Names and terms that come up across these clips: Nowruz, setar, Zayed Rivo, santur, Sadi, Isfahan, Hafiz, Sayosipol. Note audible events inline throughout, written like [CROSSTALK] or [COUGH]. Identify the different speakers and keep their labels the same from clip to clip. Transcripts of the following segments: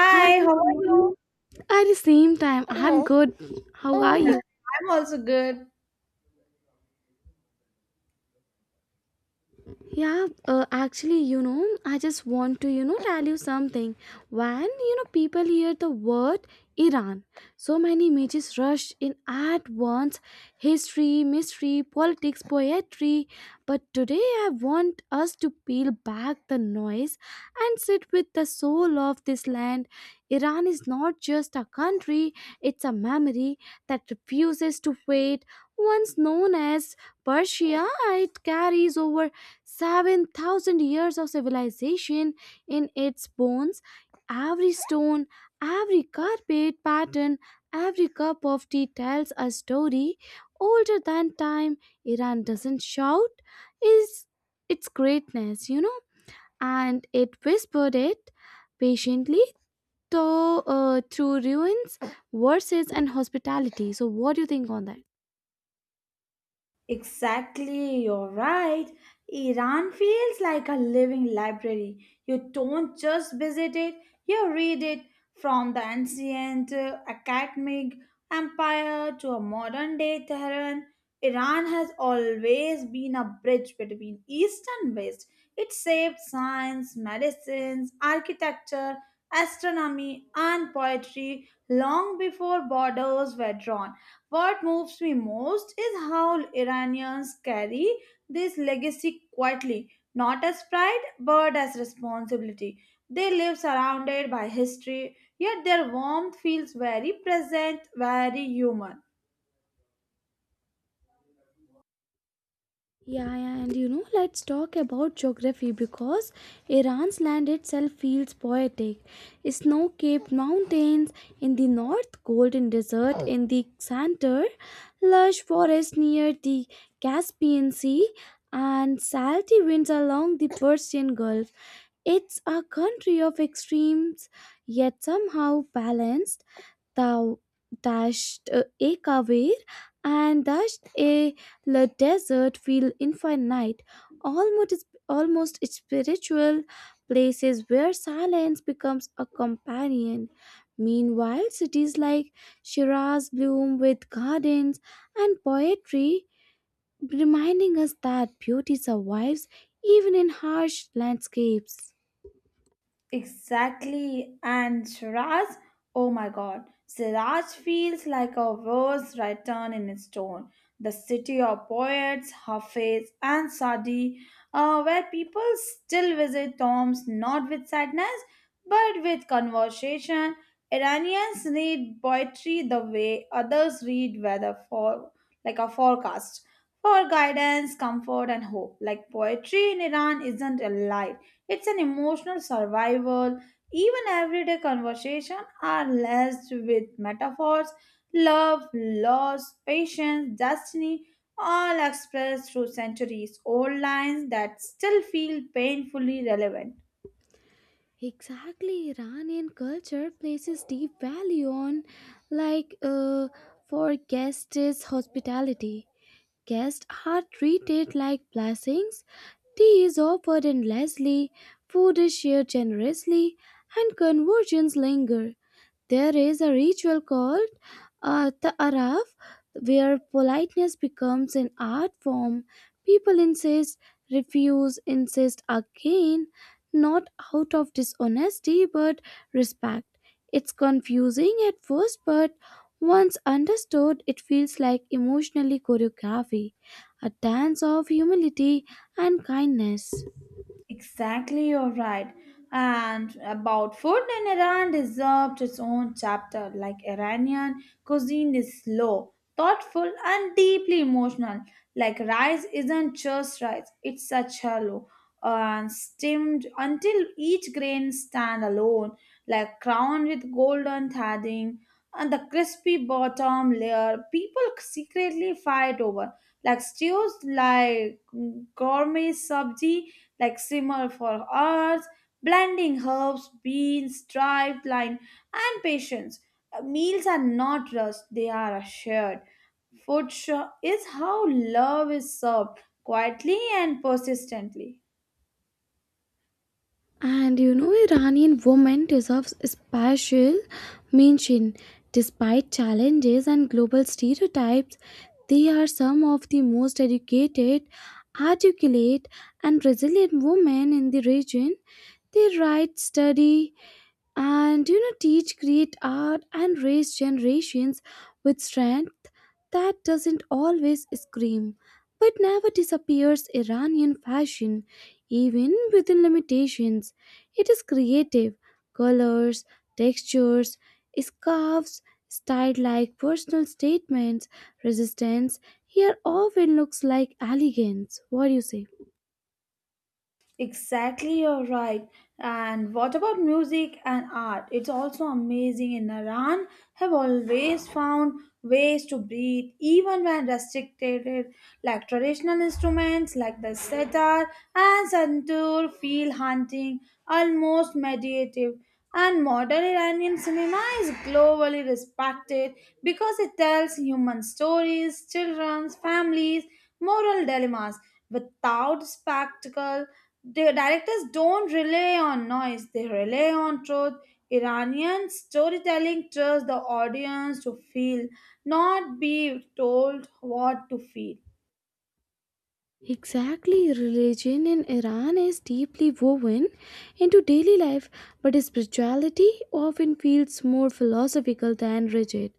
Speaker 1: Hi, how
Speaker 2: how are
Speaker 1: are
Speaker 2: you?
Speaker 1: you? At the same time, I'm Hello. Good. How are you?
Speaker 2: I'm also good.
Speaker 1: I just want to, tell you something. When, people hear the word Iran, so many images rush in at once: history, mystery, politics, poetry. But today, I want us to peel back the noise and sit with the soul of this land. Iran is not just a country, it's a memory that refuses to fade. Once known as Persia, it carries over 7,000 years of civilization in its bones. Every stone, every carpet pattern, every cup of tea tells a story older than time. Iran doesn't shout is its greatness, and it whispered it patiently though through ruins, verses, and hospitality. So, what do you think on that?
Speaker 2: Exactly, you're right. Iran feels like a living library. You don't just visit it, you read it from the ancient academic empire to a modern day Tehran. Iran has always been a bridge between East and West. It shaped science, medicines, architecture, astronomy, and poetry long before borders were drawn. What moves me most is how Iranians carry this legacy quietly, not as pride but as responsibility. They live surrounded by history, yet their warmth feels very present, very human.
Speaker 1: Yeah, yeah, and let's talk about geography because Iran's land itself feels poetic. Snow capped mountains in the north, golden desert in the center, lush forest near the Caspian Sea, and salty winds along the Persian Gulf. It's a country of extremes, yet somehow balanced. Thou dashed a career and dashed a la desert feel infinite, almost spiritual, places where silence becomes a companion. Meanwhile cities like shiraz bloom with gardens and poetry, reminding us that beauty survives even in harsh landscapes.
Speaker 2: Exactly. And Shiraz, oh my god, Siraj feels like a verse written in stone. The city of poets, Hafiz, and Sadi, where people still visit tombs not with sadness but with conversation. Iranians read poetry the way others read weather for like a forecast for guidance, comfort, and hope. Like poetry in Iran isn't a light, it's an emotional survival. Even everyday conversation are laced with metaphors, love, loss, patience, destiny, all expressed through centuries old lines that still feel painfully relevant.
Speaker 1: Exactly. Iranian culture places deep value on, like, uh, for guests' is hospitality. Guests are treated like blessings, tea is offered endlessly, food is shared generously, and conversations linger. There is a ritual called Ta'araf, where politeness becomes an art form. People insist, refuse, insist again, not out of dishonesty but respect. It's confusing at first, but once understood, it feels like emotionally choreography, a dance of humility and kindness.
Speaker 2: Exactly, you're right. And about food in Iran deserved its own chapter. Like Iranian cuisine is slow, thoughtful, and deeply emotional. Like rice isn't just rice; it's such hollow and steamed until each grain stand alone, like crowned with golden threading and the crispy bottom layer. People secretly fight over like stews, like gourmet sabji, like simmer for hours, blending herbs, beans, dried line, and patience. Meals are not rushed; they are shared. Is how love is served quietly and persistently.
Speaker 1: And Iranian women deserves special mention. Despite challenges and global stereotypes, they are some of the most educated, articulate, and resilient women in the region. They write, study, and teach, create art and raise generations with strength that doesn't always scream but never disappears. Iranian fashion, even within limitations, it is creative. Colors, textures, scarves styled like personal statements. Resistance here often looks like elegance. What do you say?
Speaker 2: Exactly, you're right. And what about music and art? It's also amazing in Iran have always found ways to breathe even when restricted like traditional instruments like the setar and santur feel haunting, almost meditative, and modern Iranian cinema is globally respected because it tells human stories, children's families, moral dilemmas without spectacle. The directors don't rely on noise, they rely on truth. Iranian storytelling trusts the audience to feel, not be told what to feel.
Speaker 1: Exactly. Religion in Iran is deeply woven into daily life, but spirituality often feels more philosophical than rigid.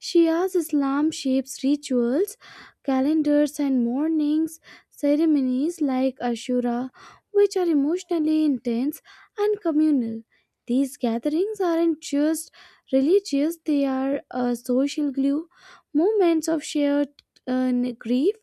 Speaker 1: Shia's Islam shapes rituals, calendars, and mornings ceremonies like Ashura, which are emotionally intense and communal. These gatherings aren't just religious, they are a social glue, moments of shared uh, grief,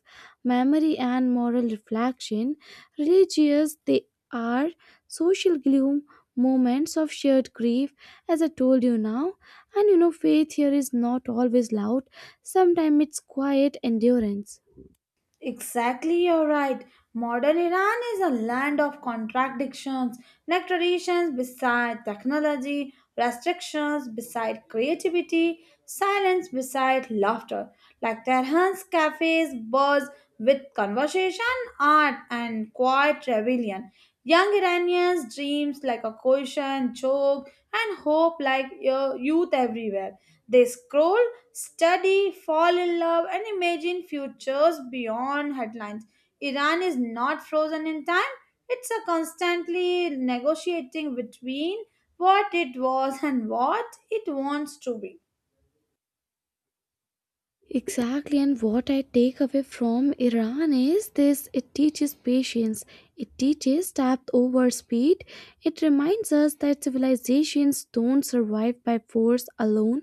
Speaker 1: memory, and moral reflection. Religious, they are social glue, moments of shared grief, as I told you now. And faith here is not always loud, sometimes it's quiet endurance.
Speaker 2: Exactly, you're right. Modern Iran is a land of contradictions, like traditions beside technology, restrictions beside creativity, silence beside laughter, like Tehran's cafes buzz with conversation, art, and quiet rebellion. Young Iranians dreams like a cushion, joke, and hope like youth everywhere. They scroll, study, fall in love, and imagine futures beyond headlines. Iran is not frozen in time, it's a constantly negotiating between what it was and what it wants to be.
Speaker 1: Exactly, and what I take away from Iran is this: it teaches patience, it teaches depth over speed, it reminds us that civilizations don't survive by force alone,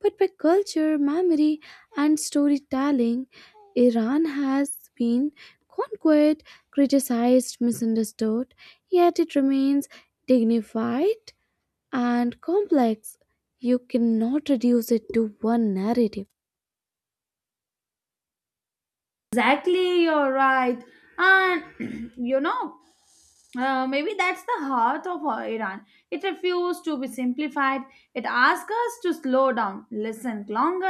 Speaker 1: but by culture, memory, and storytelling. Iran has been conquered, criticized, misunderstood, yet it remains dignified and complex. You cannot reduce it to one narrative.
Speaker 2: Exactly, you're right. And [CLEARS THROAT] you know, maybe that's the heart of Iran. It refused to be simplified. It asked us to slow down, listen longer,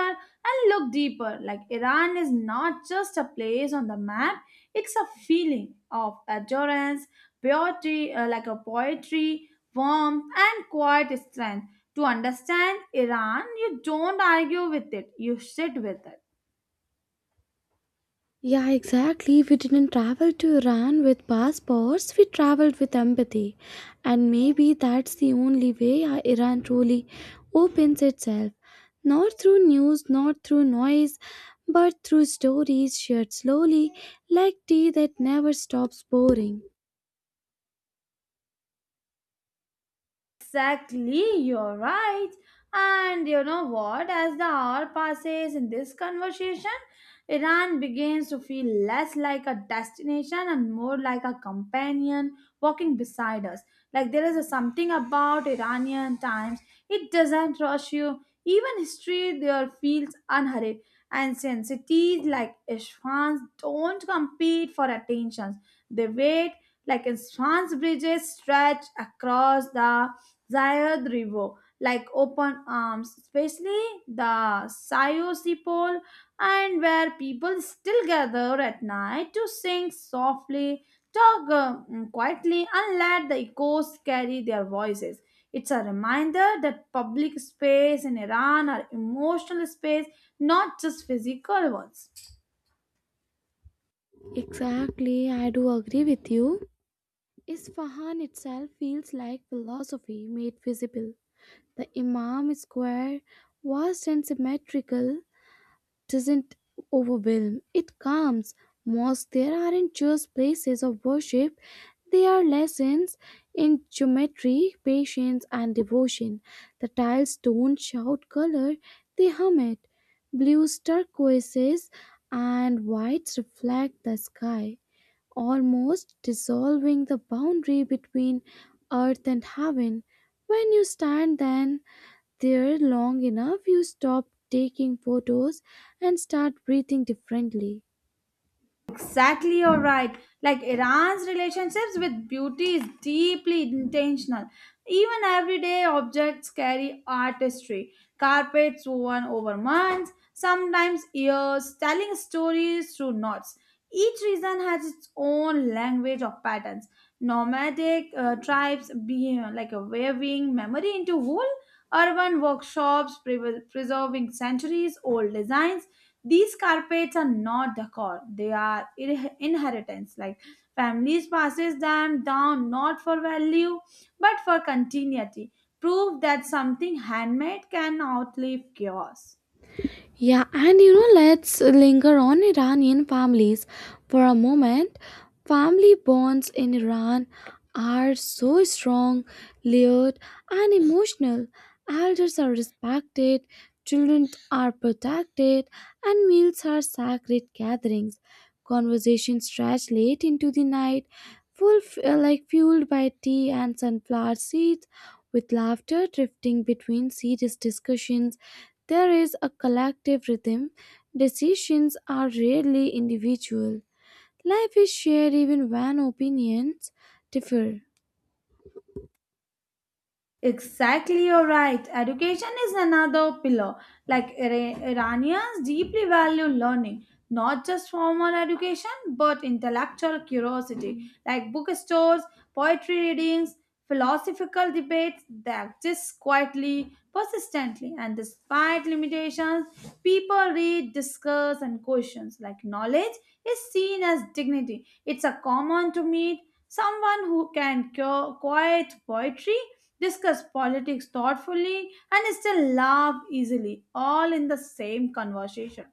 Speaker 2: and look deeper. Like Iran is not just a place on the map, it's a feeling of endurance, poetry, like a poetry, warmth, and quiet strength. To understand Iran, you don't argue with it, you sit with it.
Speaker 1: Yeah, exactly. We didn't travel to Iran with passports, we traveled with empathy. And maybe that's the only way Iran truly opens itself. Not through news, not through noise, but through stories shared slowly, like tea that never stops pouring.
Speaker 2: Exactly, you're right. And you know what? As the hour passes in this conversation, Iran begins to feel less like a destination and more like a companion walking beside us. Like there is a something about Iranian times, it doesn't rush you. Even history there feels unhurried. Ancient cities like Isfahan don't compete for attention. They wait like Isfahan's bridges stretch across the Zayed Rivo, like open arms, especially the Sayosipol, and where people still gather at night to sing softly, talk quietly, and let the echoes carry their voices. It's a reminder that public space in Iran are emotional space, not just physical ones.
Speaker 1: Exactly, I do agree with you. Isfahan itself feels like philosophy made visible. The Imam square, vast and symmetrical, doesn't overwhelm, it calms. Mosques there aren't just places of worship, they are lessons in geometry, patience, and devotion. The tiles don't shout color, they hum it. Blues, turquoises, and whites reflect the sky, almost dissolving the boundary between earth and heaven. When you stand then, there long enough, you stop taking photos and start breathing differently.
Speaker 2: Exactly, you're right. Like Iran's relationships with beauty is deeply intentional. Even everyday objects carry artistry. Carpets woven over months, sometimes years, telling stories through knots. Each region has its own language of patterns. Nomadic tribes be like a weaving memory into whole urban workshops preserving centuries old designs. These carpets are not decor, they are inheritance. Like families passes them down not for value but for continuity. Proof that something handmade can outlive chaos.
Speaker 1: Yeah, and let's linger on Iranian families for a moment. Family bonds in Iran are so strong, layered, and emotional. Elders are respected, children are protected, and meals are sacred gatherings. Conversations stretch late into the night, full like fueled by tea and sunflower seeds, with laughter drifting between serious discussions. There is a collective rhythm. Decisions are rarely individual. Life is shared even when opinions differ.
Speaker 2: Exactly, you're right. Education is another pillar. Like Iranians deeply value learning, not just formal education, but intellectual curiosity. Like bookstores, poetry readings, philosophical debates, they exist quietly, persistently, and despite limitations, people read, discuss, and questions. Like knowledge is seen as dignity. It's a common to meet someone who can cure, quiet poetry discuss politics thoughtfully, and still laugh easily, all in the same conversation.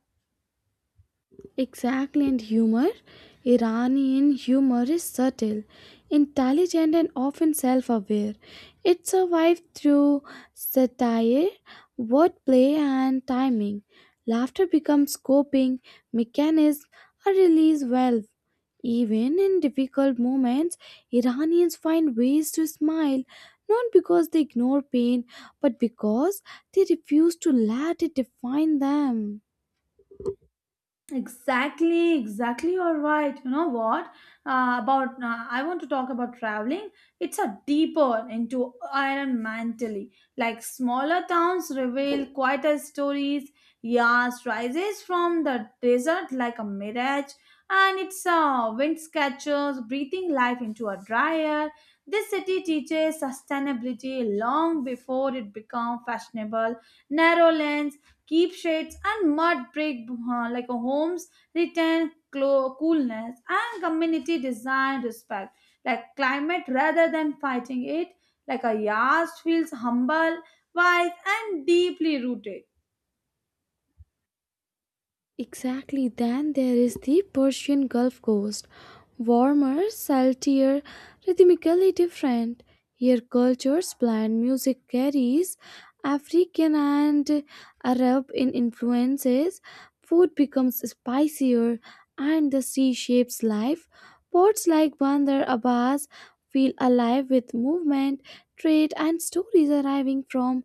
Speaker 1: Exactly, and humor. Iranian humor is subtle, intelligent, and often self aware. It survived through satire, wordplay, and timing. Laughter becomes coping mechanism, a release valve. Even in difficult moments, Iranians find ways to smile, not because they ignore pain, but because they refuse to let it define them.
Speaker 2: Exactly, exactly. You're right. You know what? About I want to talk about traveling. It's a deeper into Iron Man Tilly. Like smaller towns reveal quieter stories. Yas rises from the desert like a mirage, and it's wind catchers breathing life into a dry air. This city teaches sustainability long before it became fashionable. Narrow lanes keep shades and mud brick like a homes retain coolness and community design respect like climate rather than fighting it. Like a yard feels humble, wise, and deeply rooted.
Speaker 1: Exactly. Then there is the Persian Gulf Coast. Warmer, saltier, rhythmically different. Here, cultures blend music carries African and Arab in influences. Food becomes spicier, and the sea shapes life. Ports like Bandar Abbas feel alive with movement, trade, and stories arriving from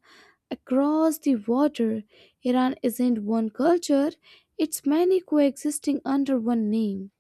Speaker 1: across the water. Iran isn't one culture, it's many coexisting under one name.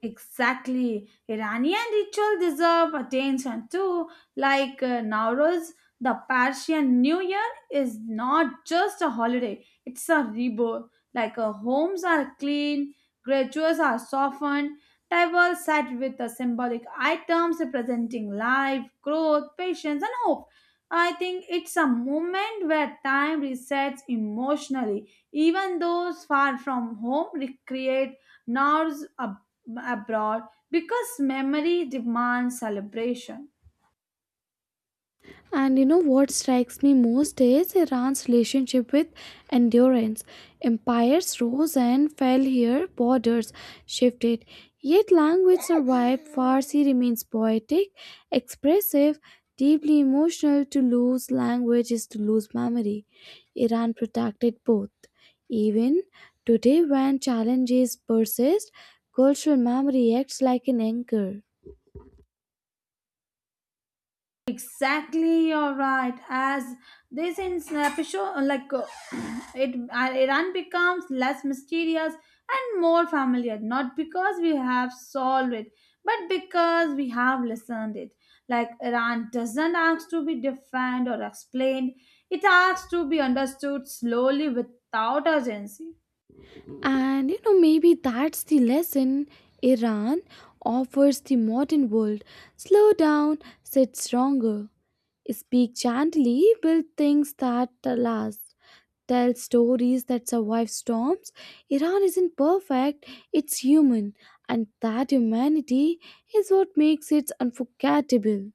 Speaker 2: Exactly. Iranian ritual deserve attention too. Like Nowruz, the Persian New Year is not just a holiday, it's a rebirth. Like homes are clean, graduates are softened, tables set with symbolic items representing life, growth, patience, and hope. I think it's a moment where time resets emotionally. Even those far from home recreate Nowruz a abroad because memory demands celebration.
Speaker 1: And what strikes me most is Iran's relationship with endurance. Empires rose and fell here, borders shifted. Yet language survived. Farsi remains poetic, expressive, deeply emotional. To lose language is to lose memory. Iran protected both. Even today, when challenges persist, cultural memory acts like an anchor.
Speaker 2: Exactly, you're right. As this in episode, like [CLEARS THROAT] Iran becomes less mysterious and more familiar, not because we have solved it, but because we have listened it. Like Iran doesn't ask to be defined or explained; it asks to be understood slowly without urgency.
Speaker 1: And maybe that's the lesson Iran offers the modern world. Slow down, sit stronger, speak gently, build things that last, tell stories that survive storms. Iran isn't perfect, it's human, and that humanity is what makes it unforgettable.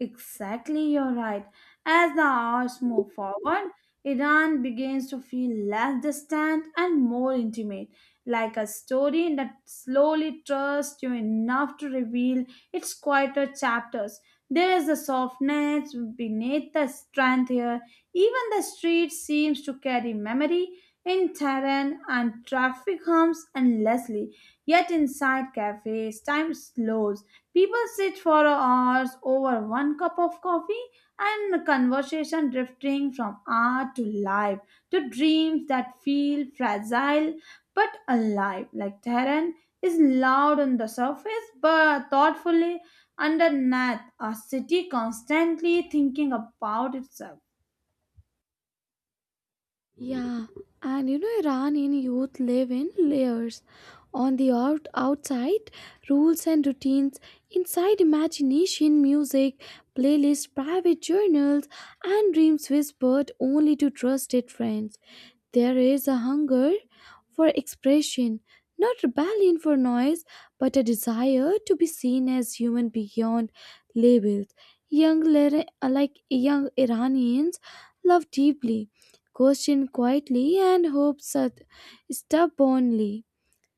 Speaker 2: Exactly, you're right. As the hours move forward, Iran begins to feel less distant and more intimate, like a story that slowly trusts you enough to reveal its quieter chapters. There is a softness beneath the strength here. Even the street seems to carry memory in Tehran and traffic hums endlessly. Yet inside cafes, time slows. People sit for hours over one cup of coffee and conversation drifting from art to life to dreams that feel fragile but alive. Like Tehran is loud on the surface but thoughtfully underneath, a city constantly thinking about itself.
Speaker 1: Yeah, and Iranian youth live in layers. On the outside, rules and routines, inside, imagination, music, playlists, private journals, and dreams whispered only to trusted friends. There is a hunger for expression, not rebellion for noise, but a desire to be seen as human beyond labels. Like young Iranians love deeply, question quietly and stubbornly.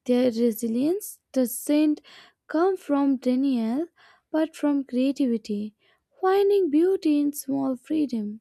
Speaker 1: Their resilience doesn't come from denial but from creativity, finding beauty in small freedom.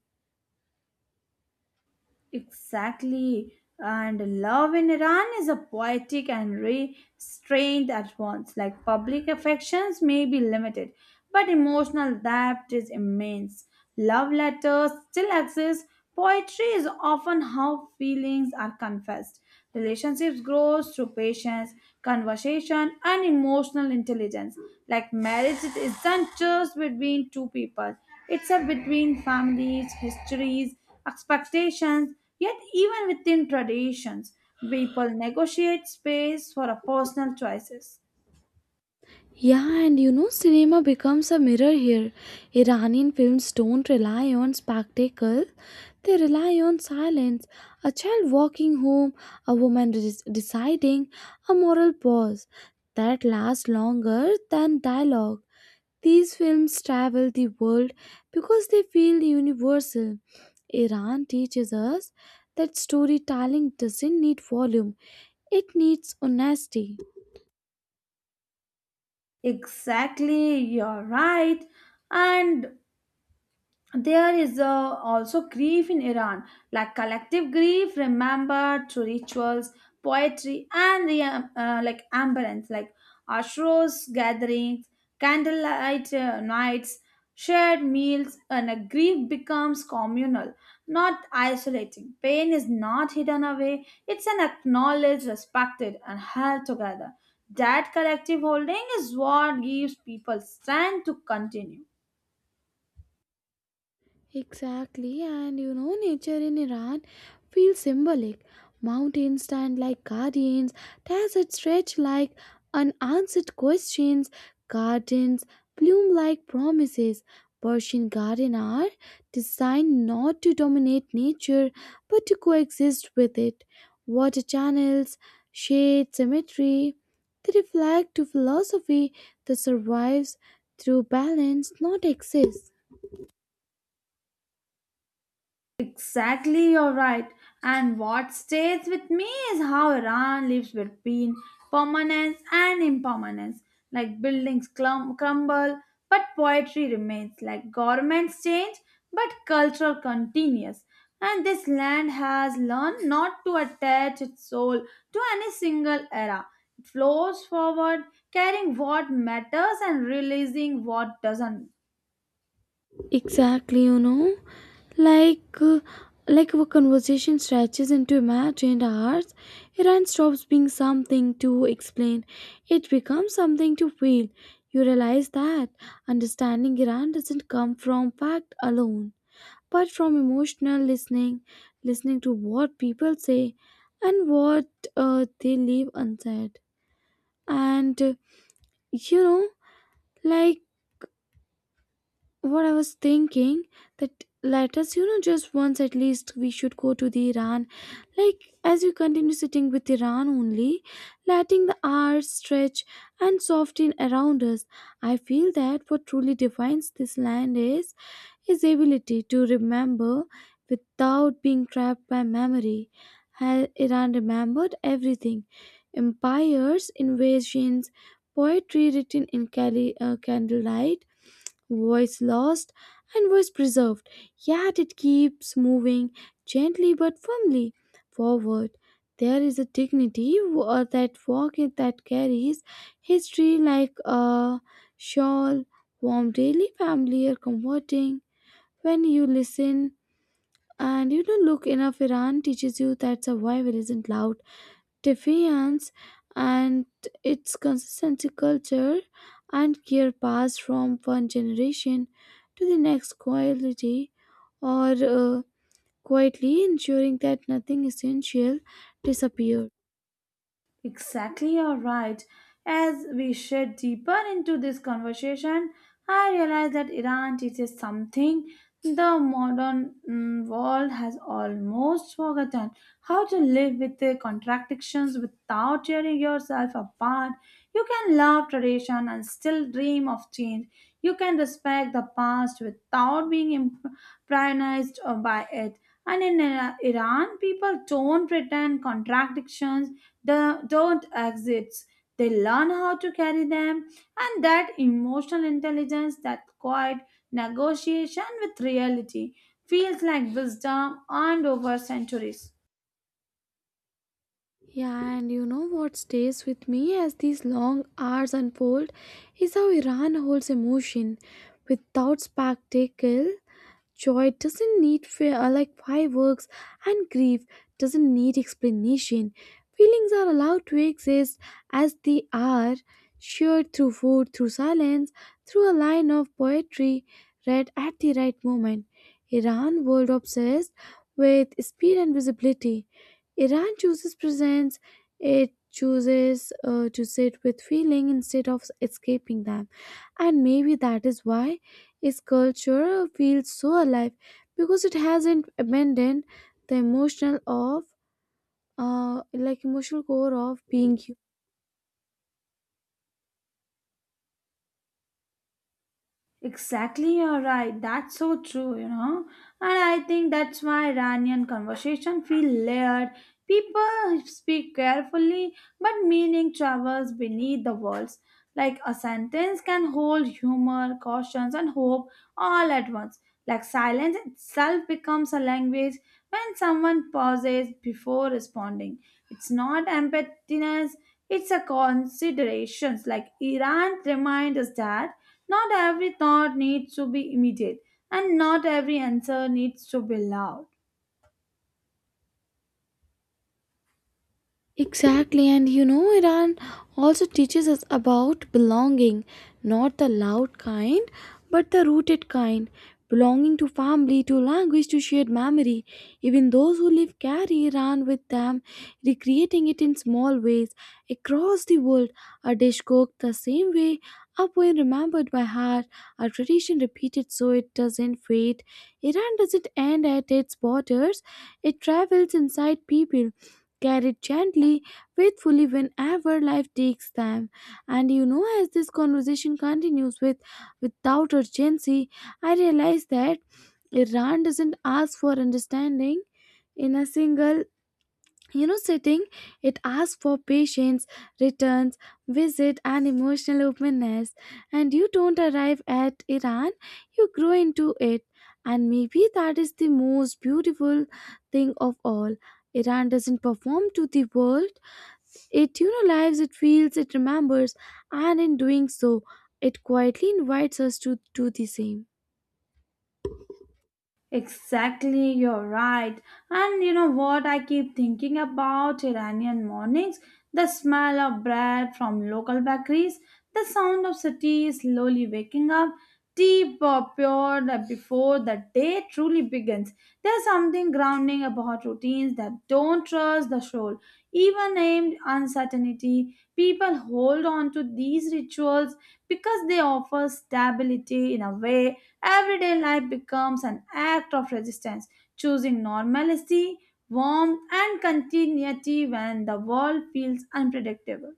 Speaker 2: Exactly. And love in Iran is a poetic and restrained at once. Like public affections may be limited, but emotional depth is immense. Love letters still exist. Poetry is often how feelings are confessed. Relationships grow through patience, conversation, and emotional intelligence. Like marriage, it isn't just between two people, it's a between families, histories, expectations, yet, even within traditions, people negotiate space for a personal choices.
Speaker 1: Yeah, and cinema becomes a mirror here. Iranian films don't rely on spectacle, they rely on silence. A child walking home, a deciding, a moral pause that lasts longer than dialogue. These films travel the world because they feel universal. Iran teaches us that storytelling doesn't need volume, it needs honesty.
Speaker 2: Exactly, you're right. And there is also grief in Iran, like collective grief remembered through rituals, poetry, and the like ambience, like ashros gatherings, candlelight nights, shared meals, and a grief becomes communal, not isolating. Pain is not hidden away; it's an acknowledged, respected, and held together. That collective holding is what gives people strength to continue.
Speaker 1: Exactly, and nature in Iran feels symbolic. Mountains stand like guardians, deserts stretch like unanswered questions, gardens bloom like promises. Persian garden are designed not to dominate nature but to coexist with it. Water channels, shade, symmetry, they reflect to philosophy that survives through balance, not excess.
Speaker 2: Exactly, you're right. And what stays with me is how Iran lives between permanence and impermanence. Like buildings crumble, but poetry remains. Like governments change, but culture continues. And this land has learned not to attach its soul to any single era. It flows forward, carrying what matters and releasing what doesn't.
Speaker 1: Exactly, like uh, like our conversation stretches into imagined hours, Iran stops being something to explain. It becomes something to feel. You realize that understanding Iran doesn't come from fact alone, but from emotional listening, listening to what people say and what they leave unsaid. And you know, like what I was thinking that let us, just once at least we should go to the Iran. Like as we continue sitting with Iran only, letting the hours stretch and soften around us. I feel that what truly defines this land is his ability to remember without being trapped by memory. Iran remembered everything: empires, invasions, poetry written in candlelight, voice lost and voice preserved, yet it keeps moving gently but firmly forward. There is a dignity that walk it that carries history like a shawl, warm daily, familiar, comforting. When you listen and you don't look enough, Iran teaches you that survival isn't loud defiance, and its consistency culture and care passed from one generation to the next quietly, or uh, quietly ensuring that nothing essential disappeared.
Speaker 2: Exactly, you're right. As we shed deeper into this conversation, I realize that Iran teaches something the modern world has almost forgotten how to live with the contradictions without tearing yourself apart. You can love tradition and still dream of change. You can respect the past without being imprionised by it. And in Iran, people don't pretend contradictions, they don't exist. They learn how to carry them, and that emotional intelligence, that quiet negotiation with reality, feels like wisdom earned over centuries.
Speaker 1: Yeah, and what stays with me as these long hours unfold is how Iran holds emotion without spectacle. Joy doesn't like fireworks, and grief doesn't need explanation. Feelings are allowed to exist as they are, shared through food, through silence, through a line of poetry read at the right moment. Iran world obsessed with speed and visibility. Iran chooses presence. It chooses to sit with feeling instead of escaping them, and maybe that is why its culture feels so alive because it hasn't abandoned the emotional of like emotional core of being human.
Speaker 2: Exactly, you're right. That's so true, you know. And I think that's why Iranian conversation feel layered. People speak carefully, but meaning travels beneath the words. Like a sentence can hold humor, cautions, and hope all at once. Like silence itself becomes a language when someone pauses before responding. It's not emptiness, it's a considerations. Like Iran reminds us that not every thought needs to be immediate, and not every answer needs to be loud.
Speaker 1: Exactly, and Iran also teaches us about belonging, not the loud kind, but the rooted kind. Belonging to family, to language, to shared memory. Even those who live carry Iran with them, recreating it in small ways across the world. A dish cooked the same way, a poem remembered by heart, a tradition repeated so it doesn't fade. Iran doesn't end at its borders, it travels inside people carried gently, faithfully whenever life takes them. As this conversation continues without urgency, I realize that Iran doesn't ask for understanding in a single sitting. It asks for patience, returns, visit, and emotional openness. And you don't arrive at Iran, you grow into it. And maybe that is the most beautiful thing of all. Iran doesn't perform to the world, it lives, it feels, it remembers. And in doing so, it quietly invites us to do the same.
Speaker 2: Exactly, you're right. And you know what? I keep thinking about Iranian mornings, the smell of bread from local bakeries, the sound of city slowly waking up, tea pure before the day truly begins. There's something grounding about routines that don't trust the soul. Even named uncertainty, people hold on to these rituals because they offer stability in a way. Everyday life becomes an act of resistance, choosing normalcy, warmth, and continuity when the world feels unpredictable.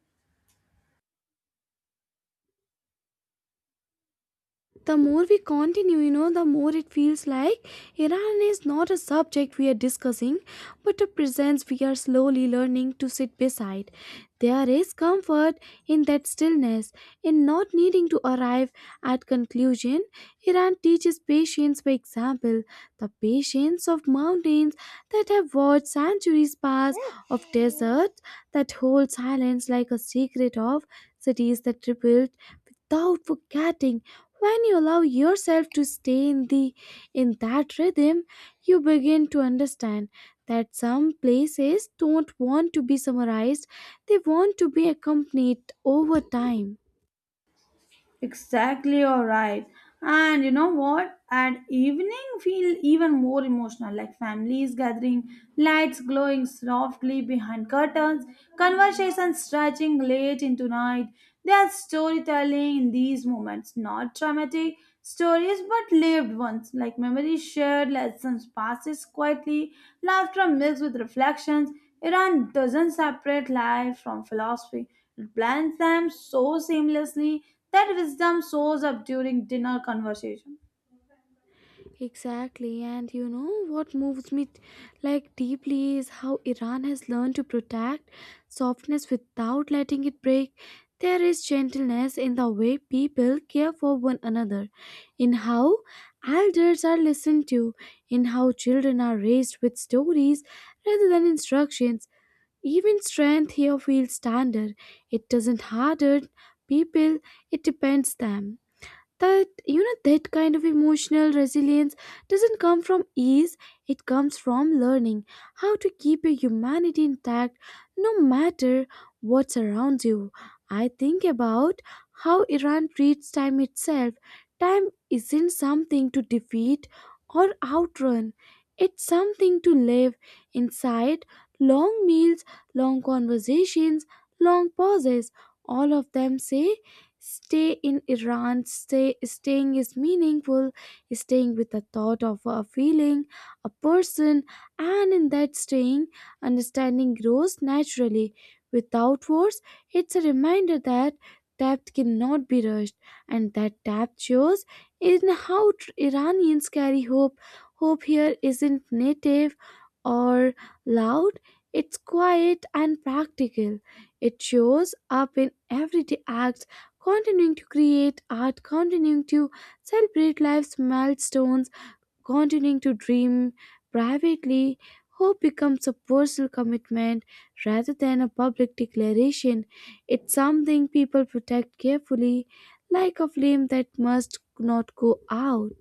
Speaker 1: The more we continue, the more it feels like Iran is not a subject we are discussing, but a presence we are slowly learning to sit beside. There is comfort in that stillness, in not needing to arrive at conclusion. Iran teaches patience by example, the patience of mountains that have watched centuries pass, of deserts that hold silence like a secret, of cities that rebuilt without forgetting. When you allow yourself to stay in that rhythm, you begin to understand that some places don't want to be summarized, they want to be accompanied over time.
Speaker 2: Exactly, you're right. And you know what? At evening, feel even more emotional like families gathering, lights glowing softly behind curtains, conversations stretching late into night. There's storytelling in these moments, not dramatic stories but lived ones, like memories shared, lessons passes quietly, laughter mixed with reflections. Iran doesn't separate life from philosophy blends them so seamlessly that wisdom shows up during dinner conversation.
Speaker 1: Exactly, and you know what moves me like deeply is how Iran has learned to protect softness without letting it break. There is gentleness in the way people care for one another, in how elders are listened to, in how children are raised with stories rather than instructions. Even strength here feels standard. It doesn't harden people, it depends them. That that kind of emotional resilience doesn't come from ease, it comes from learning how to keep your humanity intact no matter what surrounds you. I think about how Iran treats time itself. Time isn't something to defeat or outrun, it's something to live inside. Long meals, long conversations, long pauses, all of them say, "Stay in Iran, stay, staying is meaningful, staying with the thought of a feeling, a person," and in that staying, understanding grows naturally. Without words, it's a reminder that depth cannot be rushed, and that depth shows in how Iranians carry hope. Hope here isn't native or loud, it's quiet and practical. It shows up in everyday acts: continuing to create art, continuing to celebrate life's milestones, continuing to dream privately. Hope becomes a personal commitment rather than a public declaration. It's something people protect carefully, like a flame that must not go out.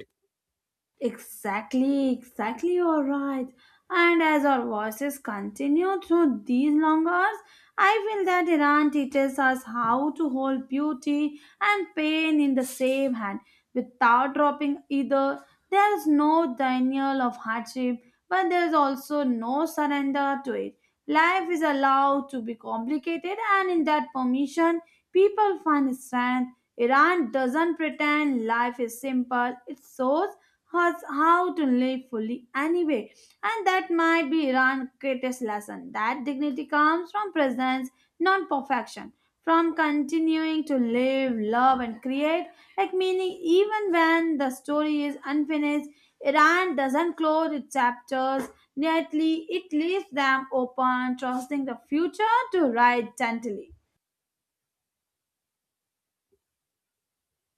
Speaker 2: Exactly, exactly, you're right. And as our voices continue through these long hours, I feel that Iran teaches us how to hold beauty and pain in the same hand without dropping either. There is no denial of hardship, but there is also no surrender to it. Life is allowed to be complicated, and in that permission, people find strength. Iran doesn't pretend life is simple, it shows us how to live fully anyway. And that might be Iran's greatest lesson that dignity comes from presence, not perfection. From continuing to live, love, and create, like meaning, even when the story is unfinished, Iran doesn't close its chapters neatly, it leaves them open, trusting the future to write gently.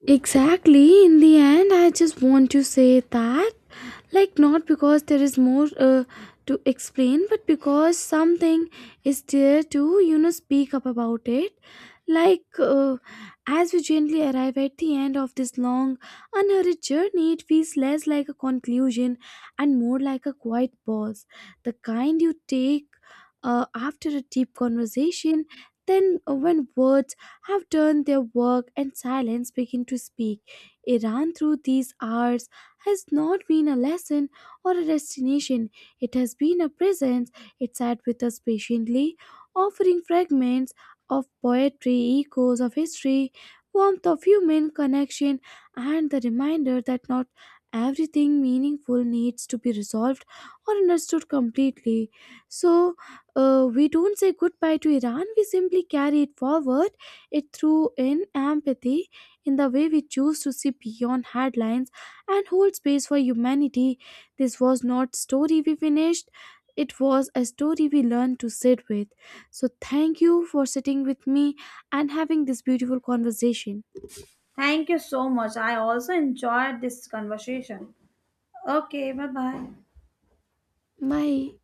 Speaker 1: Exactly. In the end, I just want to say that, like, not because there is more to explain, but because something is there to speak up about it, like, as we gently arrive at the end of this long unhurried journey, it feels less like a conclusion and more like a quiet pause, the kind you take after a deep conversation. Then, when words have done their work and silence begin to speak, it ran through these hours, has not been a lesson or a destination. It has been a presence. It sat with us patiently, offering fragments of poetry, echoes of history, warmth of human connection, and the reminder that not everything meaningful needs to be resolved or understood completely. So, we don't say goodbye to Iran, we simply carry it forward, it through in empathy, in the way we choose to see beyond headlines and hold space for humanity. This was not story we finished. It was a story we learned to sit with. So thank you for sitting with me and having this beautiful conversation.
Speaker 2: Thank you so much. I also enjoyed this conversation. Okay, bye bye.
Speaker 1: Bye.